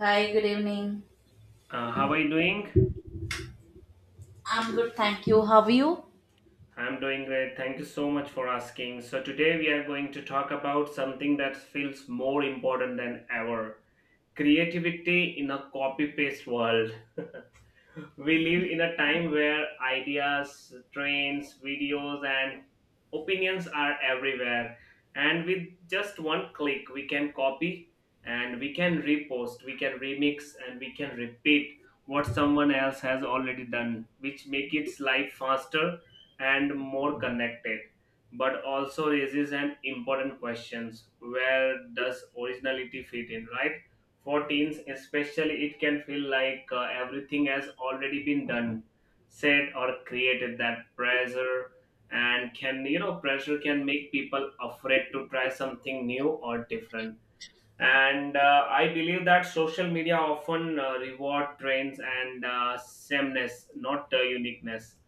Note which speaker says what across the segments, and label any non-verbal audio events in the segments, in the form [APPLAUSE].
Speaker 1: Hi, good evening.
Speaker 2: How are you doing?
Speaker 1: I'm good, thank you. How are you?
Speaker 2: I'm doing great. Thank you so much for asking. So, today we are going to talk about something that feels more important than ever, creativity in a copy paste world. [LAUGHS] We live in a time where ideas, trends, videos, and opinions are everywhere. And with just one click, we can copy and we can repost, we can remix, and we can repeat what someone else has already done, which make its life faster and more connected. But also raises an important questions: where does originality fit in, right? For teens, especially, it can feel like everything has already been done, said, or created. That pressure and can, you know, pressure can make people afraid to try something new or different, and I believe that social media often reward trends and sameness, not uniqueness,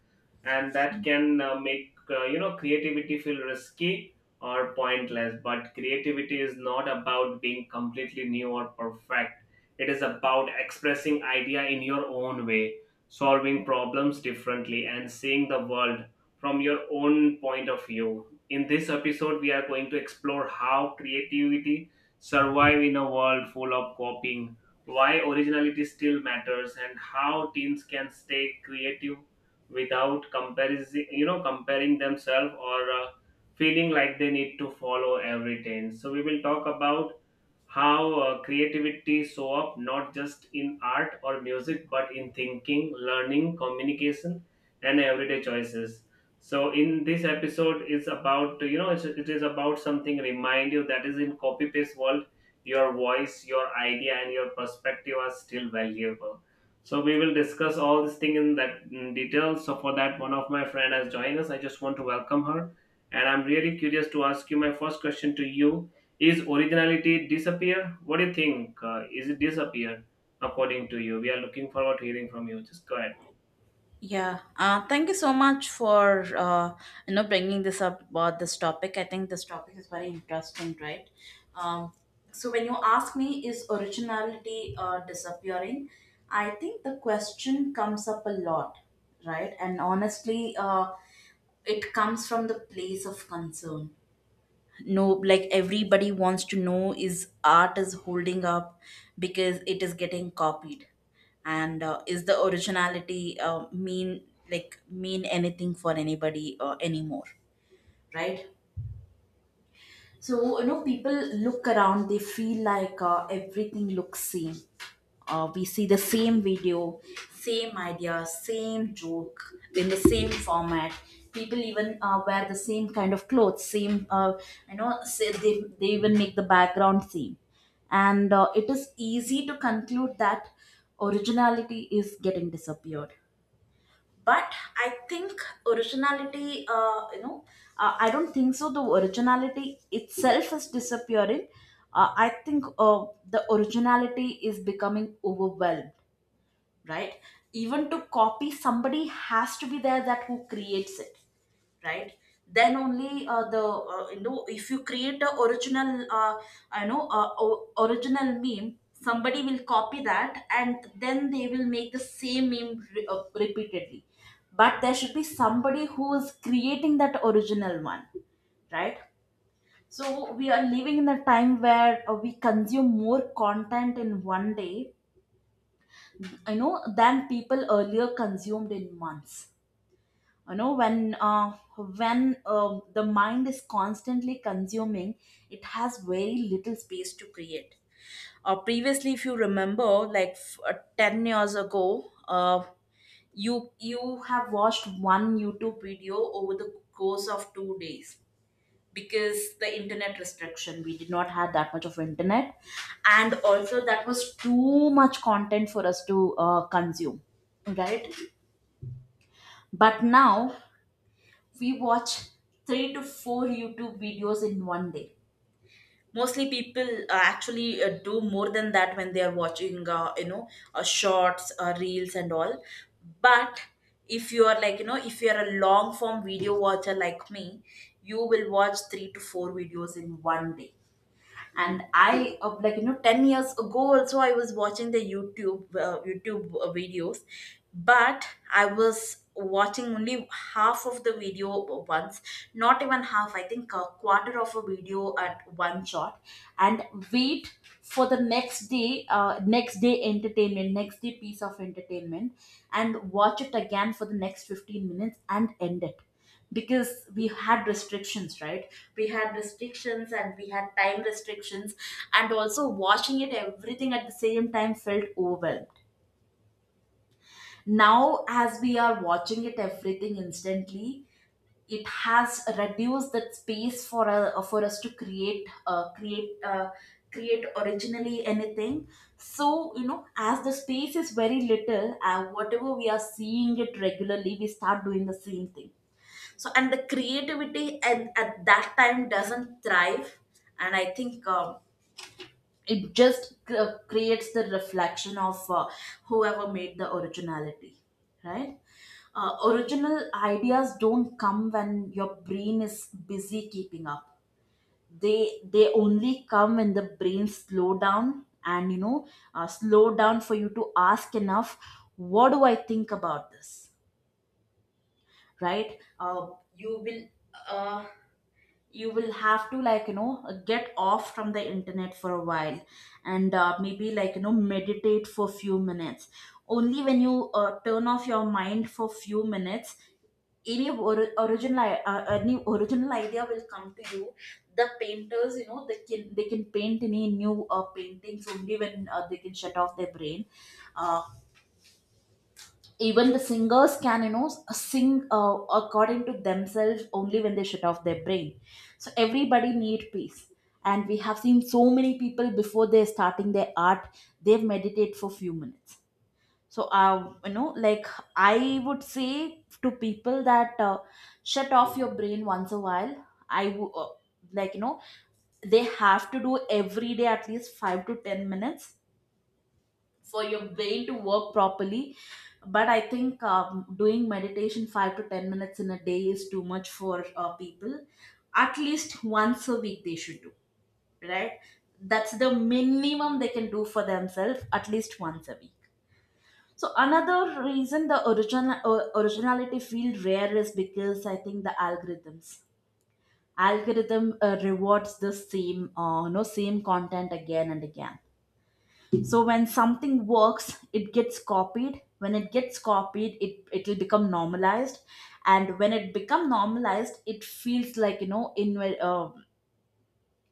Speaker 2: and that can make, you know, creativity feel risky or pointless. But creativity is not about being completely new or perfect, it is about expressing idea in your own way, solving problems differently, and seeing the world from your own point of view. In this episode, we are going to explore how creativity survive in a world full of copying, why originality still matters, and how teens can stay creative without comparison, you know, comparing themselves, or feeling like they need to follow every trend. So we will talk about how creativity show up not just in art or music, but in thinking, learning, communication, and everyday choices. So in this episode, it's about, you know, it is about something remind you that is in copy paste world your voice, your idea, and your perspective are still valuable. So we will discuss all this thing in that in detail. So for that, one of my friend has joined us. I just want to welcome her, and I'm really curious to ask you my first question to you. Is originality disappear? What do you think? Is it disappear according to you? We are looking forward to hearing from you. Just go ahead.
Speaker 1: Yeah, thank you so much for you know bringing this up about this topic. I think this topic is very interesting, right? Um, so when you ask me, is originality disappearing? I think the question comes up a lot, right? And honestly, it comes from the place of concern, no, like everybody wants to know, is art is holding up because it is getting copied, and is the originality mean mean anything for anybody anymore, right? So you know people look around, they feel like everything looks same. We see the same video, same idea, same joke in the same format. People even wear the same kind of clothes, same, they even make the background same. And it is easy to conclude that originality is getting disappeared, but I think originality I don't think so the originality itself is disappearing. I think the originality is becoming overwhelmed, right? Even to copy, somebody has to be there that who creates it, right? Then only the you know, if you create the original original meme, somebody will copy that and then they will make the same meme repeatedly. But there should be somebody who is creating that original one, right? So we are living in a time where we consume more content in 1 day, you know, than people earlier consumed in months. You know, when the mind is constantly consuming, it has very little space to create. Previously, if you remember, like 10 years ago, you have watched one YouTube video over the course of 2 days because the internet restriction, we did not have that much of internet, and also that was too much content for us to consume, right? But now we watch three to four YouTube videos in 1 day. Mostly people actually do more than that when they are watching shorts, reels and all. But if you are like, you know, if you are a long form video watcher like me, you will watch 3 to 4 videos in 1 day. And I of like, you know, 10 years ago also, I was watching the YouTube videos, but I was watching only half of the video once, not even half, I think a quarter of a video at one shot, and wait for the next day, next day entertainment next day piece of entertainment, and watch it again for the next 15 minutes and end it, because we had restrictions, right? We had restrictions and we had time restrictions, and also watching it everything at the same time felt overwhelmed. Now, as we are watching it everything instantly, it has reduced that space for us to create originally anything. So you know, as the space is very little and whatever we are seeing it regularly, we start doing the same thing. So and the creativity and at that time doesn't thrive. And I think it just creates the reflection of whoever made the originality, right? Original ideas don't come when your brain is busy keeping up. They only come when the brain slow down, and slow down for you to ask enough, what do I think about this, right? You will uh, you will have to, like you know, get off from the internet for a while, and maybe, like you know, meditate for few minutes. Only when you turn off your mind for few minutes, any any original idea will come to you. The painters, you know, they can paint any new paintings only when they can shut off their brain. Uh, Even the singers can, you know, sing according to themselves only when they shut off their brain. So everybody need peace. And we have seen so many people before they're starting their art, they meditate for few minutes. So you know, like, I would say to people that, shut off your brain once a while. i w- uh, like you know, they have to do every day at least 5 to 10 minutes for your brain to work properly. But I think doing meditation 5 to 10 minutes in a day is too much for people. At least once a week they should do, right? That's the minimum they can do for themselves, at least once a week. So another reason the originality feel rare is because I think the algorithm rewards the same no same content again and again. So when something works, it gets copied. When it gets copied, it it'll become normalized. And when it become normalized, it feels like, you know, in uh,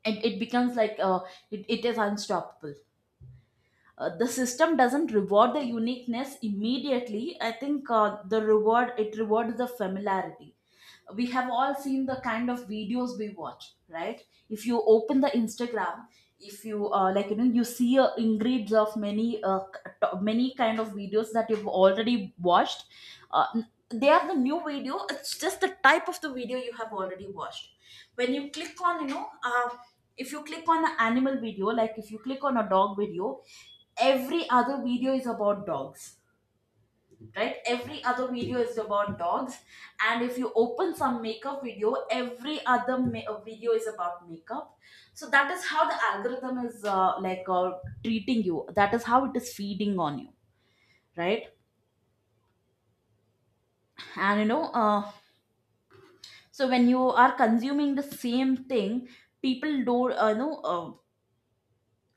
Speaker 1: it, it becomes like, it is unstoppable. The system doesn't reward the uniqueness immediately. I think the reward it rewards the familiarity. We have all seen the kind of videos we watch, right? If you open the Instagram, if you like you know, you see ingredients of many many kind of videos that you've already watched. uh, n- they are the new video, it's just the type of the video you have already watched. When you click on, you know, uh, if you click on an animal video, like if you click on a dog video, every other video is about dogs, right? Every other video is about dogs. And if you open some makeup video, every other video is about makeup. So that is how the algorithm is, treating you, that is how it is feeding on you, right? And you know, so when you are consuming the same thing, people don't you know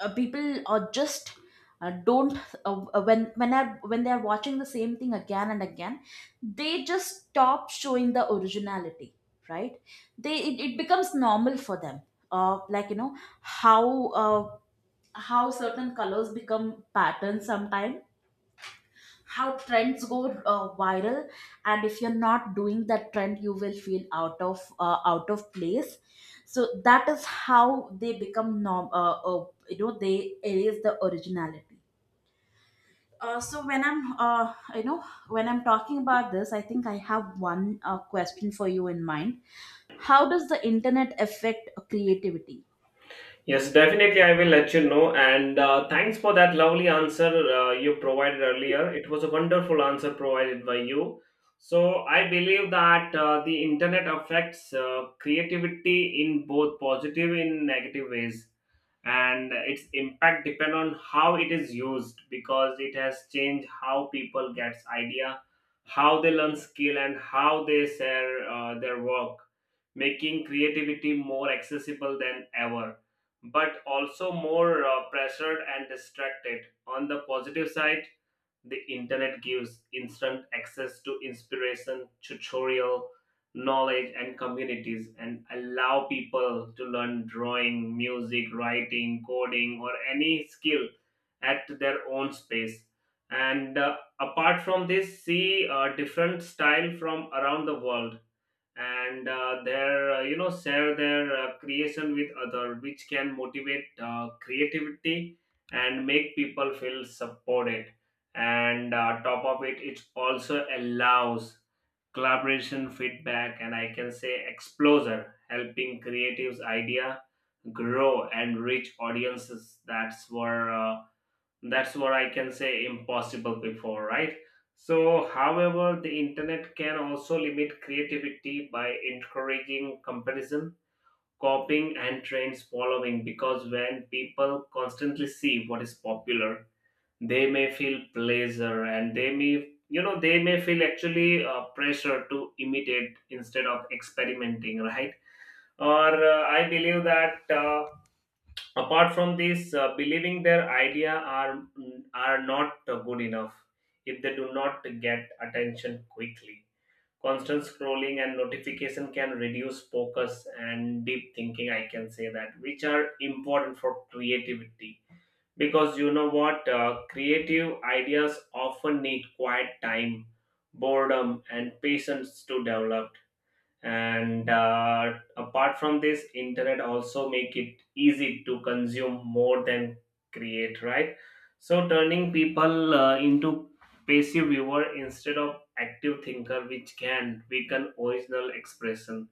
Speaker 1: people just don't when I, when they are watching the same thing again and again, they just stop showing the originality, right? It becomes normal for them. Uh, like you know how uh, how certain colors become patterns sometimes, how trends go viral, and if you're not doing that trend, you will feel out of out of place. So that is how they become norm you know, they erase the originality. So when I'm talking about this, I think I have one question for you in mind: how does the internet affect creativity?
Speaker 2: Yes, definitely. I will let you know. And thanks for that lovely answer you provided earlier. It was a wonderful answer provided by you. So, I believe that the internet affects creativity in both positive and negative ways. And its impact depend on how it is used, because it has changed how people gets idea, how they learn skill, and how they share their work, making creativity more accessible than ever, but also more pressured and distracted. On the positive side, the internet gives instant access to inspiration, tutorial, knowledge, and communities, and allow people to learn drawing, music, writing, coding, or any skill at their own space. And apart from this, see different style from around the world, and their you know, share their creation with other, which can motivate creativity and make people feel supported. And top of it, it also allows collaboration, feedback, and I can say exposure, helping creatives idea grow and reach audiences. That's what I can say impossible before, right? So however, the internet can also limit creativity by encouraging comparison, copying, and trends following, because when people constantly see what is popular, they may feel pleasure, and they may, you know, they may feel actually pressure to imitate instead of experimenting, right? Or I believe that, apart from this, believing their idea are not good enough if they do not get attention quickly. Constant scrolling and notification can reduce focus and deep thinking, I can say that, which are important for creativity, because you know what, creative ideas often need quiet time, boredom, and patience to develop. And apart from this, internet also make it easy to consume more than create, right? So turning people into passive viewer instead of active thinker, which can weaken original expression.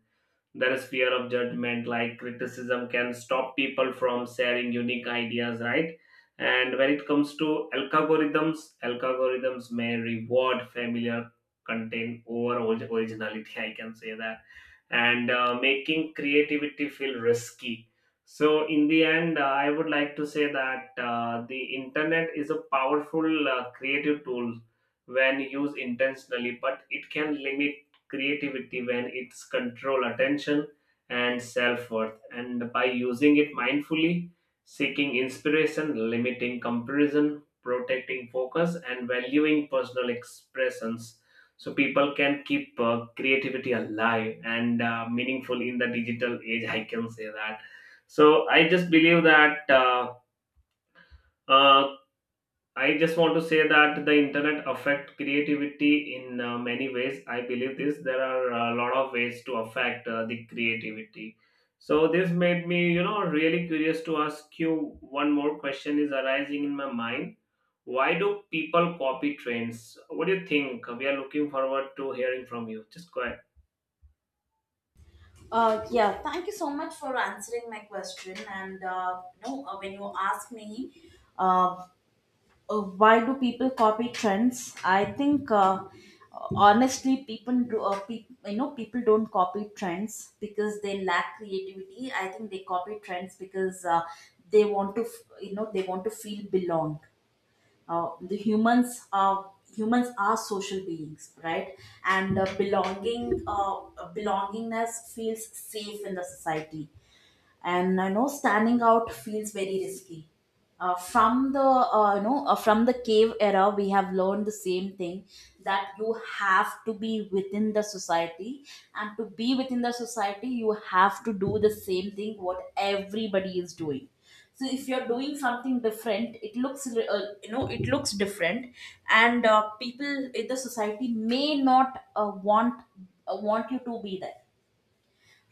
Speaker 2: There is fear of judgment, like criticism can stop people from sharing unique ideas, right? And when it comes to algorithms, algorithms may reward familiar content over originality, I can say that, and making creativity feel risky. So, in the end, I would like to say that the internet is a powerful creative tool when used intentionally, but it can limit creativity when it's control attention and self-worth. And by using it mindfully, seeking inspiration, limiting comparison, protecting focus, and valuing personal expressions, so people can keep creativity alive and meaningful in the digital age, I can say that. So I just believe that uh, I just want to say that the internet affect creativity in many ways. I believe this. There are a lot of ways to affect the creativity. So this made me, you know, really curious to ask you one more question is arising in my mind. Why do people copy trends? What do you think? We are looking forward to hearing from you. Just go ahead.
Speaker 1: Yeah, thank you so much for answering my question. And when you ask me, uh, why do people copy trends, I think, honestly, people do peop you know, people don't copy trends because they lack creativity. I think they copy trends because, they want to you know, they want to feel belong. The humans are Humans are social beings, right? And belongingness feels safe in the society, and you know, standing out feels very risky. From the cave era, we have learned the same thing, that you have to be within the society, and to be within the society, you have to do the same thing what everybody is doing. So if you're doing something different, it looks, it looks different, and people in the society may not want you to be there,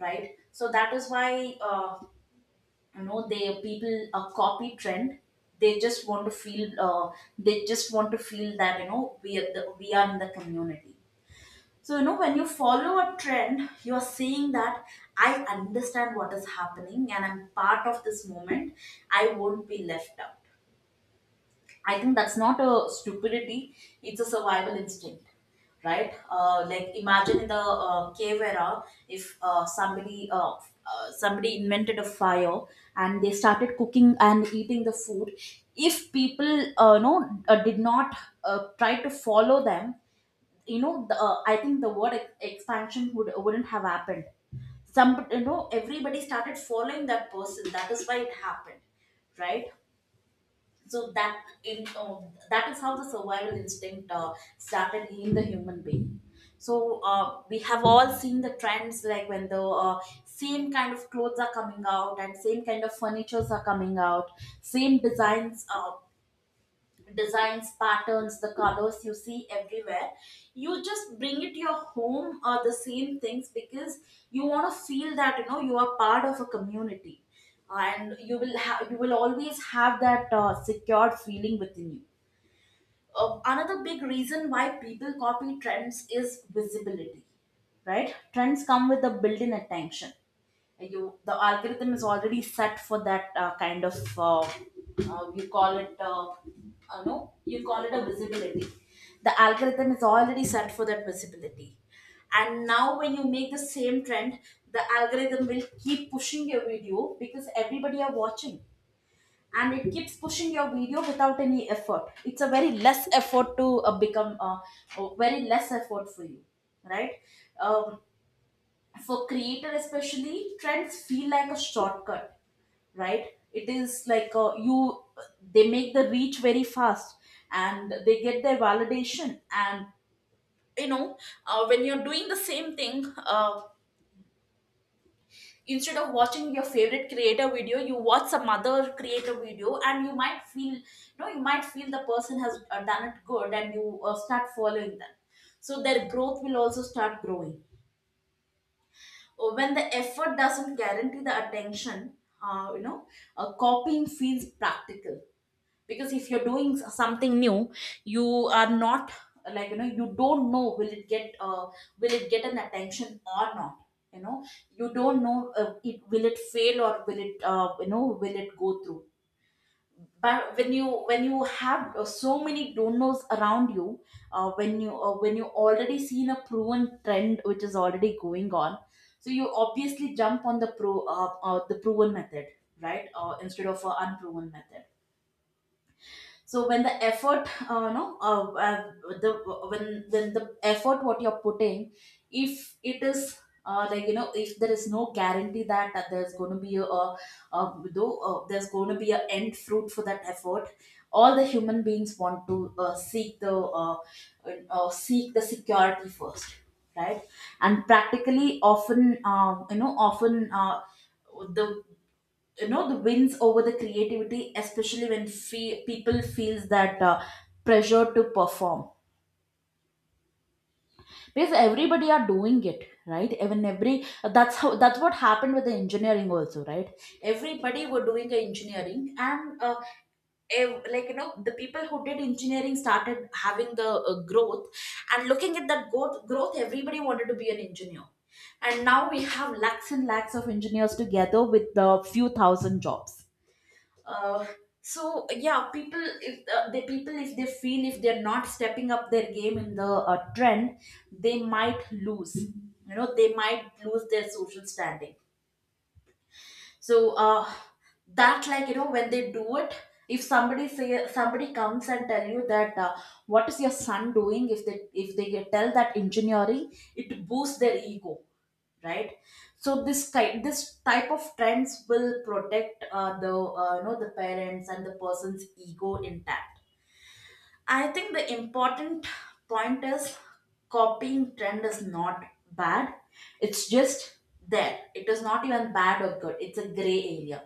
Speaker 1: right? So that is why, you know, they people copy trend. They just want to feel they just want to feel that, you know, we are in the community. So you know, when you follow a trend, you are saying that I understand what is happening and I'm part of this moment, I won't be left out. I think that's not a stupidity, it's a survival instinct, right? Like, imagine in the cave era, if somebody invented a fire and they started cooking and eating the food. If people, did not try to follow them, you know, I think the expansion wouldn't have happened. Some, you know, everybody started following that person, that is why it happened, right? so that in uh, that is how the survival instinct started in the human being. So we have all seen the trends, like when the same kind of clothes are coming out and same kind of furnitures are coming out, same designs. Designs, patterns, the colors you see everywhere, you just bring it to your home or the same things because you want to feel that, you are part of a community, and you will always have that secured feeling within you. Another big reason why people copy trends is visibility, right? Trends come with a built in attention. The algorithm is already set for that kind of, you call it, no, you call it a visibility. The algorithm is already set for that visibility. And now, when you make the same trend, the algorithm will keep pushing your video because everybody are watching, and it keeps pushing your video without any effort. It's a very less effort to become very less effort for you, right? um, for creator especially, trends feel like a shortcut, right? It is like, you, they make the reach very fast and they get their validation and, you know when you're doing the same thing, instead of watching your favorite creator video, you watch some other creator video and you might feel, you might feel the person has done it good and you start following them, so their growth will also start growing. When the effort doesn't guarantee the attention, uh, you know copying feels practical. Because if you're doing something new, you are not, like you don't know, will it get an attention or not, you know you don't know it will, it fail, or will it, uh, will it go through? But when you have so many don't knows around you, when you already seen a proven trend which is already going on, so you obviously jump on the pro the proven method, right? Instead of unproven method. So when the effort, no, know the when the effort what you're putting, if it is, like, if there is no guarantee that, there's going to be a, though there's going to be an end fruit for that effort. All the human beings want to seek the security first, right? And practically, often, often the the wins over the creativity, especially when people feels that pressure to perform, because everybody are doing it, right? even every That's how, that's what happened with the engineering also, right? Everybody were doing the engineering and like the people who did engineering started having the growth, and looking at that growth, everybody wanted to be an engineer. And now we have lakhs and lakhs of engineers together with the few thousand jobs. uh, so yeah, people, if the people, if they feel, if they're not stepping up their game in the trend, they might lose, they might lose their social standing. So that, like when they do it, if somebody say somebody comes and tell you that, what is your son doing, if they, if they get, tell that engineering, it boosts their ego, right? So this type of trends will protect the the parents and the person's ego intact. I think the important point is copying trend is not bad. It's just there. It is not even bad or good. It's a gray area,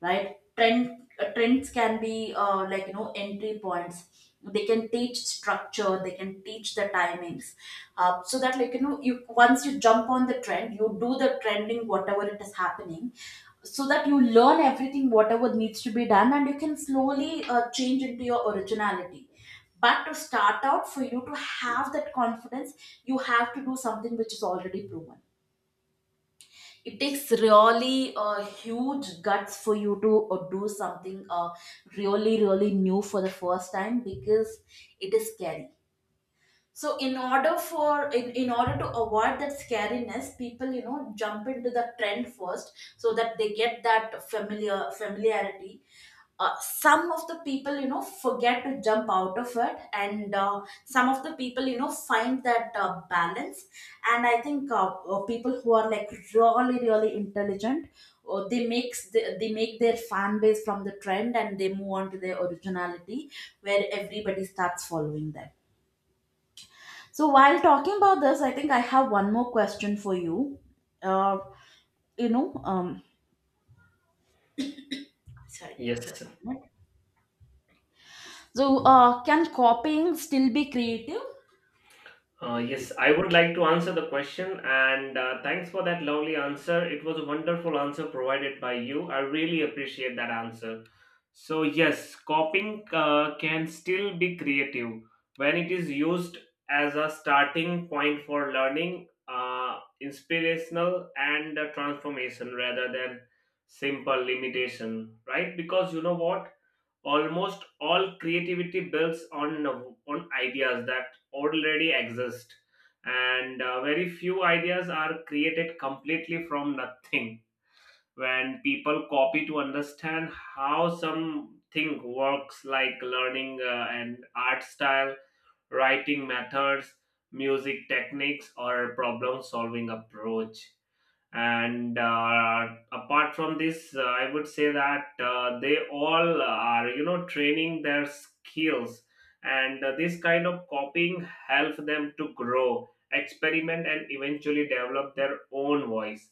Speaker 1: right? Trends can be, like entry points. They can teach structure, they can teach the timings. So that, like you, once you jump on the trend, you do the trending, whatever it is happening, so that you learn everything whatever needs to be done, and you can slowly change into your originality. But to start out, for you to have that confidence, you have to do something which is already proven. It takes really huge guts for you to do something really, really new for the first time, because it is scary. So in order to avoid that scariness, people, jump into the trend first, so that they get that familiarity. Some of the people, forget to jump out of it, and some of the people, find that balance. And I think people who are like really, really intelligent, they they make their fan base from the trend and they move on to their originality, where everybody starts following them. So while talking about this, I think I have one more question for you. Uh, you know, um, sorry,
Speaker 2: Yes.
Speaker 1: just a minute. So can copying still be creative?
Speaker 2: Yes, I would like to answer the question, and thanks for that lovely answer. It was a wonderful answer provided by you. I really appreciate that answer. So, yes, copying can still be creative when it is used as a starting point for learning, inspirational, and transformation rather than simple limitation, right? Because you know what? Almost all creativity builds on ideas that already exist, and very few ideas are created completely from nothing. When people copy to understand how something works, like learning and art style, writing methods, music techniques, or problem solving approach, and apart from this, I would say that they all are, you know, training their skills, and this kind of copying help them to grow, experiment, and eventually develop their own voice.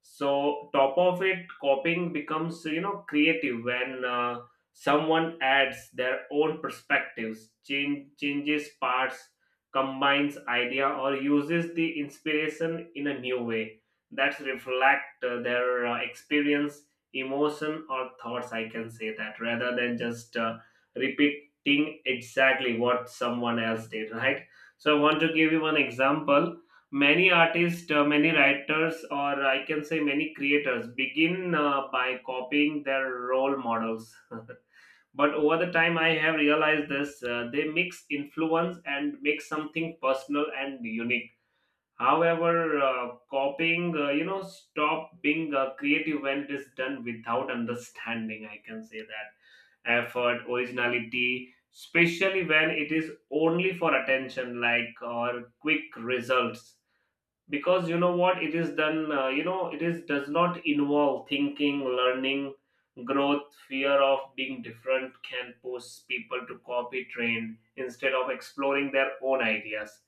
Speaker 2: So top of it, copying becomes, you know, creative when someone adds their own perspectives, changes parts, combines idea, or uses the inspiration in a new way that reflect their experience, emotion, or thoughts, I can say that, rather than just repeating exactly what someone else did, right? So I want to give you one example. Many artists, many writers, or I can say many creators begin by copying their role models. [LAUGHS] But over the time, I have realized this, they mix influence and make something personal and unique. However, copying, you know, stop being creative when it is done without understanding. I can say that effort, originality, especially when it is only for attention, like or quick results, because you know what, it is done, you know, it is does not involve thinking, learning, growth. Fear of being different can push people to copy trend instead of exploring their own ideas,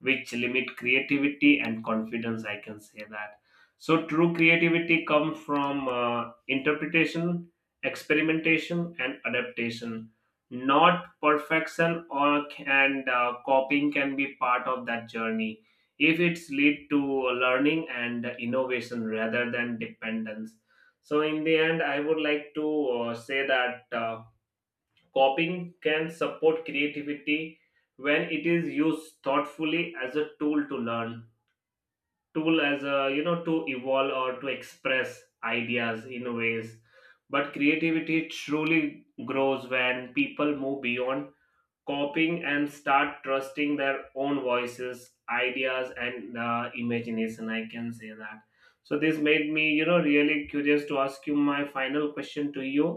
Speaker 2: which limit creativity and confidence, I can say that. So true creativity comes from interpretation, experimentation, and adaptation, not perfection or and copying can be part of that journey if it's lead to learning and innovation rather than dependence. So in the end, I would like to say that, copying can support creativity when it is used thoughtfully as a tool to learn, tool as a, you know, to evolve or to express ideas in ways, but creativity truly grows when people move beyond copying and start trusting their own voices, ideas, and imagination, I can say that. So this made me, you know, really curious to ask you my final question to you.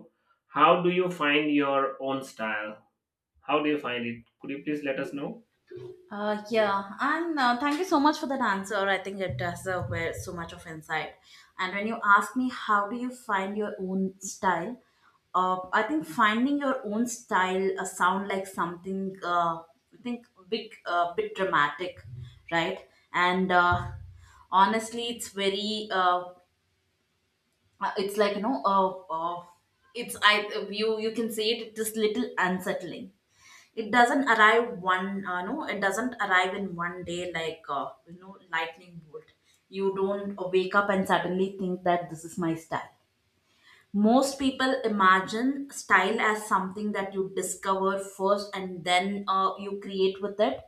Speaker 2: How do you find your own style? How do you find it? Could you please let us know?
Speaker 1: Yeah, and thank you so much for that answer. I think it does were so much of insight. And when you ask me how do you find your own style, I think finding your own style sound like something, I think big, bit dramatic, right? And honestly, it's very it's like, uh, it's I you, you can say it, just little unsettling. It doesn't arrive one no it doesn't arrive in one day, like, lightning bolt. You don't wake up and suddenly think that this is my style. Most people imagine style as something that you discover first and then you create with it.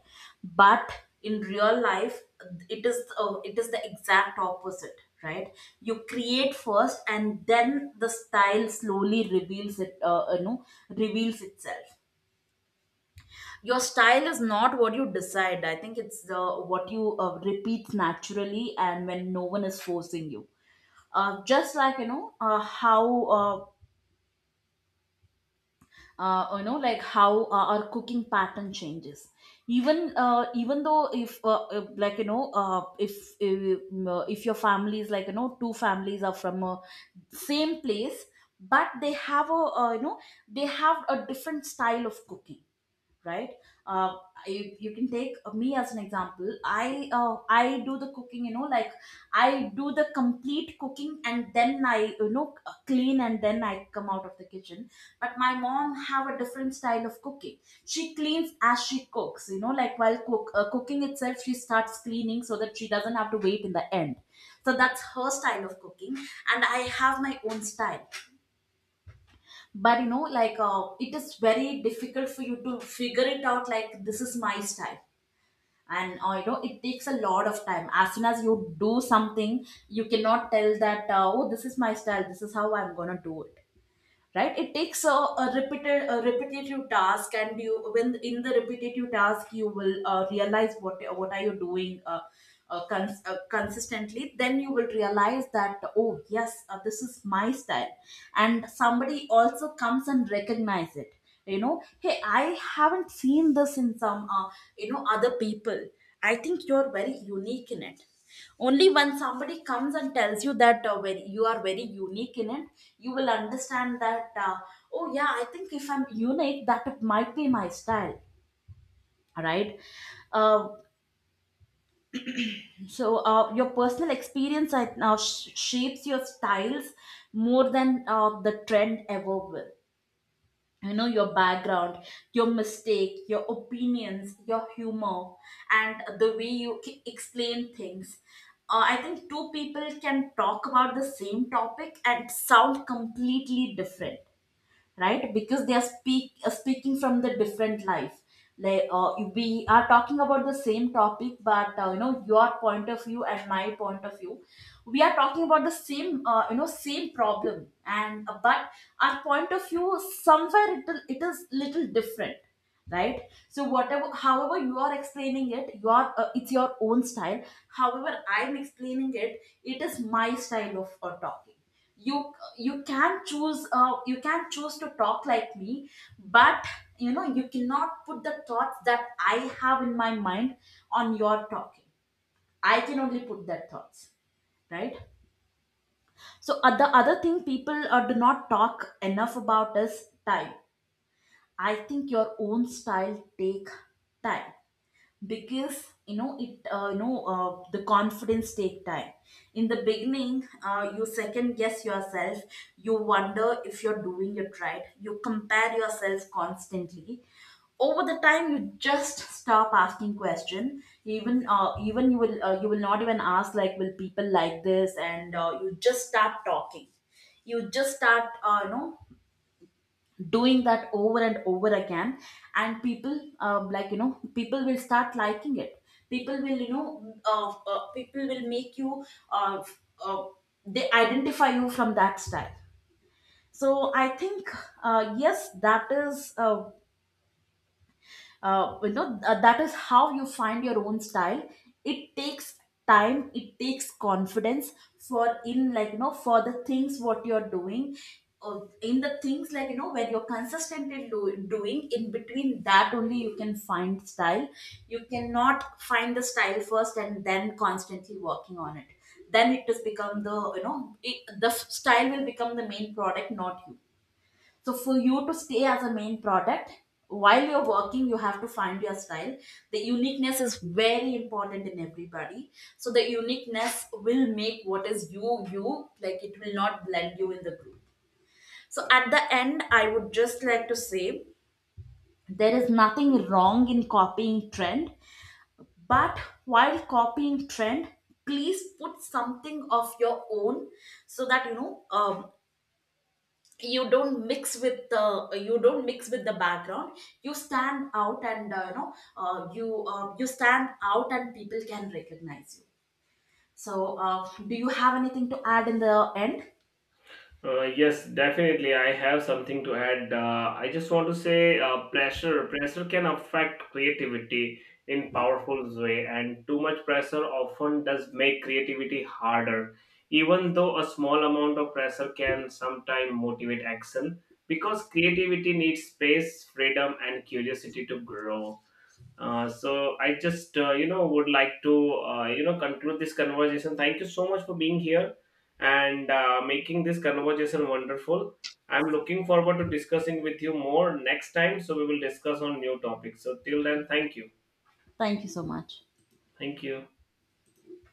Speaker 1: But in real life, it is the exact opposite, right? You create first and then the style slowly reveals it. Reveals itself. Your style is not what you decide. I think it's what you repeat naturally and when no one is forcing you. Just like, you know how you know like how our cooking pattern changes. Even though if, like if your family is, like two families are from a same place but they have a, they have a different style of cooking, right? uh, you, you can take me as an example. I do the cooking, like I do the complete cooking and then I, clean and then I come out of the kitchen. But my mom have a different style of cooking. She cleans as she cooks, like while cooking itself she starts cleaning so that she doesn't have to wait in the end. So that's her style of cooking. And I have my own style. But, like it is very difficult for you to figure it out, like this is my style. And, it takes a lot of time. As soon as you do something, you cannot tell that, oh, this is my style, this is how I'm gonna do it, right? It takes a repeated a repetitive task, and you, when in the repetitive task you will realize what are you doing consistently, then you will realize that, oh yes, this is my style, and somebody also comes and recognize it. Hey, I haven't seen this in some, other people, I think you're very unique in it. Only when somebody comes and tells you that, you are very unique in it, you will understand that, oh yeah, I think if I'm unique, that it might be my style. All right. uh, so your personal experience right now shapes your styles more than the trend ever will. Your background, your mistake, your opinions, your humor, and the way you explain things. I think two people can talk about the same topic and sound completely different, right? Because they are speaking from the different life. Like we are talking about the same topic, but, your point of view and my point of view, we are talking about the same, same problem, and but our point of view, somewhere it is little different, right? So whatever, however you are explaining it, your it's your own style. However I'm explaining it, it is my style of talking. You can choose, you can choose to talk like me, but you cannot put the thoughts that I have in my mind on your talking. I can only put that thoughts, right? So the other thing people do not talk enough about is time. I think your own style take time, because you know it you know the confidence take time. In the beginning, you second guess yourself, you wonder if you're doing it right, you compare yourself constantly. Over the time, you just stop asking question. Even you will not even ask like, will people like this, and you just start talking. You just start, doing that over and over again. And people, like people will start liking it. People will, people will make you, uh, f- uh, they identify you from that style. So I think yes, that is, that is how you find your own style. It takes time, it takes confidence for in like for the things what you're doing. In the things, like when you're consistently doing, in between that only you can find style. You cannot find the style first and then constantly working on it, then it has become the, the style will become the main product, not you. So for you to stay as a main product, while you're working, you have to find your style. The uniqueness is very important in everybody. So the uniqueness will make what is you, you like, it will not blend you in the group. So at the end, I would just like to say there is nothing wrong in copying trend, but while copying trend, please put something of your own, so that you don't mix with the, you don't mix with the background, you stand out and, you stand out and people can recognize you. So do you have anything to add in the end?
Speaker 2: Yes, definitely. I have something to add. I just want to say pressure. Pressure can affect creativity in powerful way, and too much pressure often does make creativity harder. Even though a small amount of pressure can sometimes motivate action, because creativity needs space, freedom, and curiosity to grow. So I just, you know, would like to you know, conclude this conversation. Thank you so much for being here and making this conversation wonderful. I'm looking forward to discussing with you more next time. So we will discuss on new topics. So till then, thank you.
Speaker 1: Thank you so much.
Speaker 2: Thank you.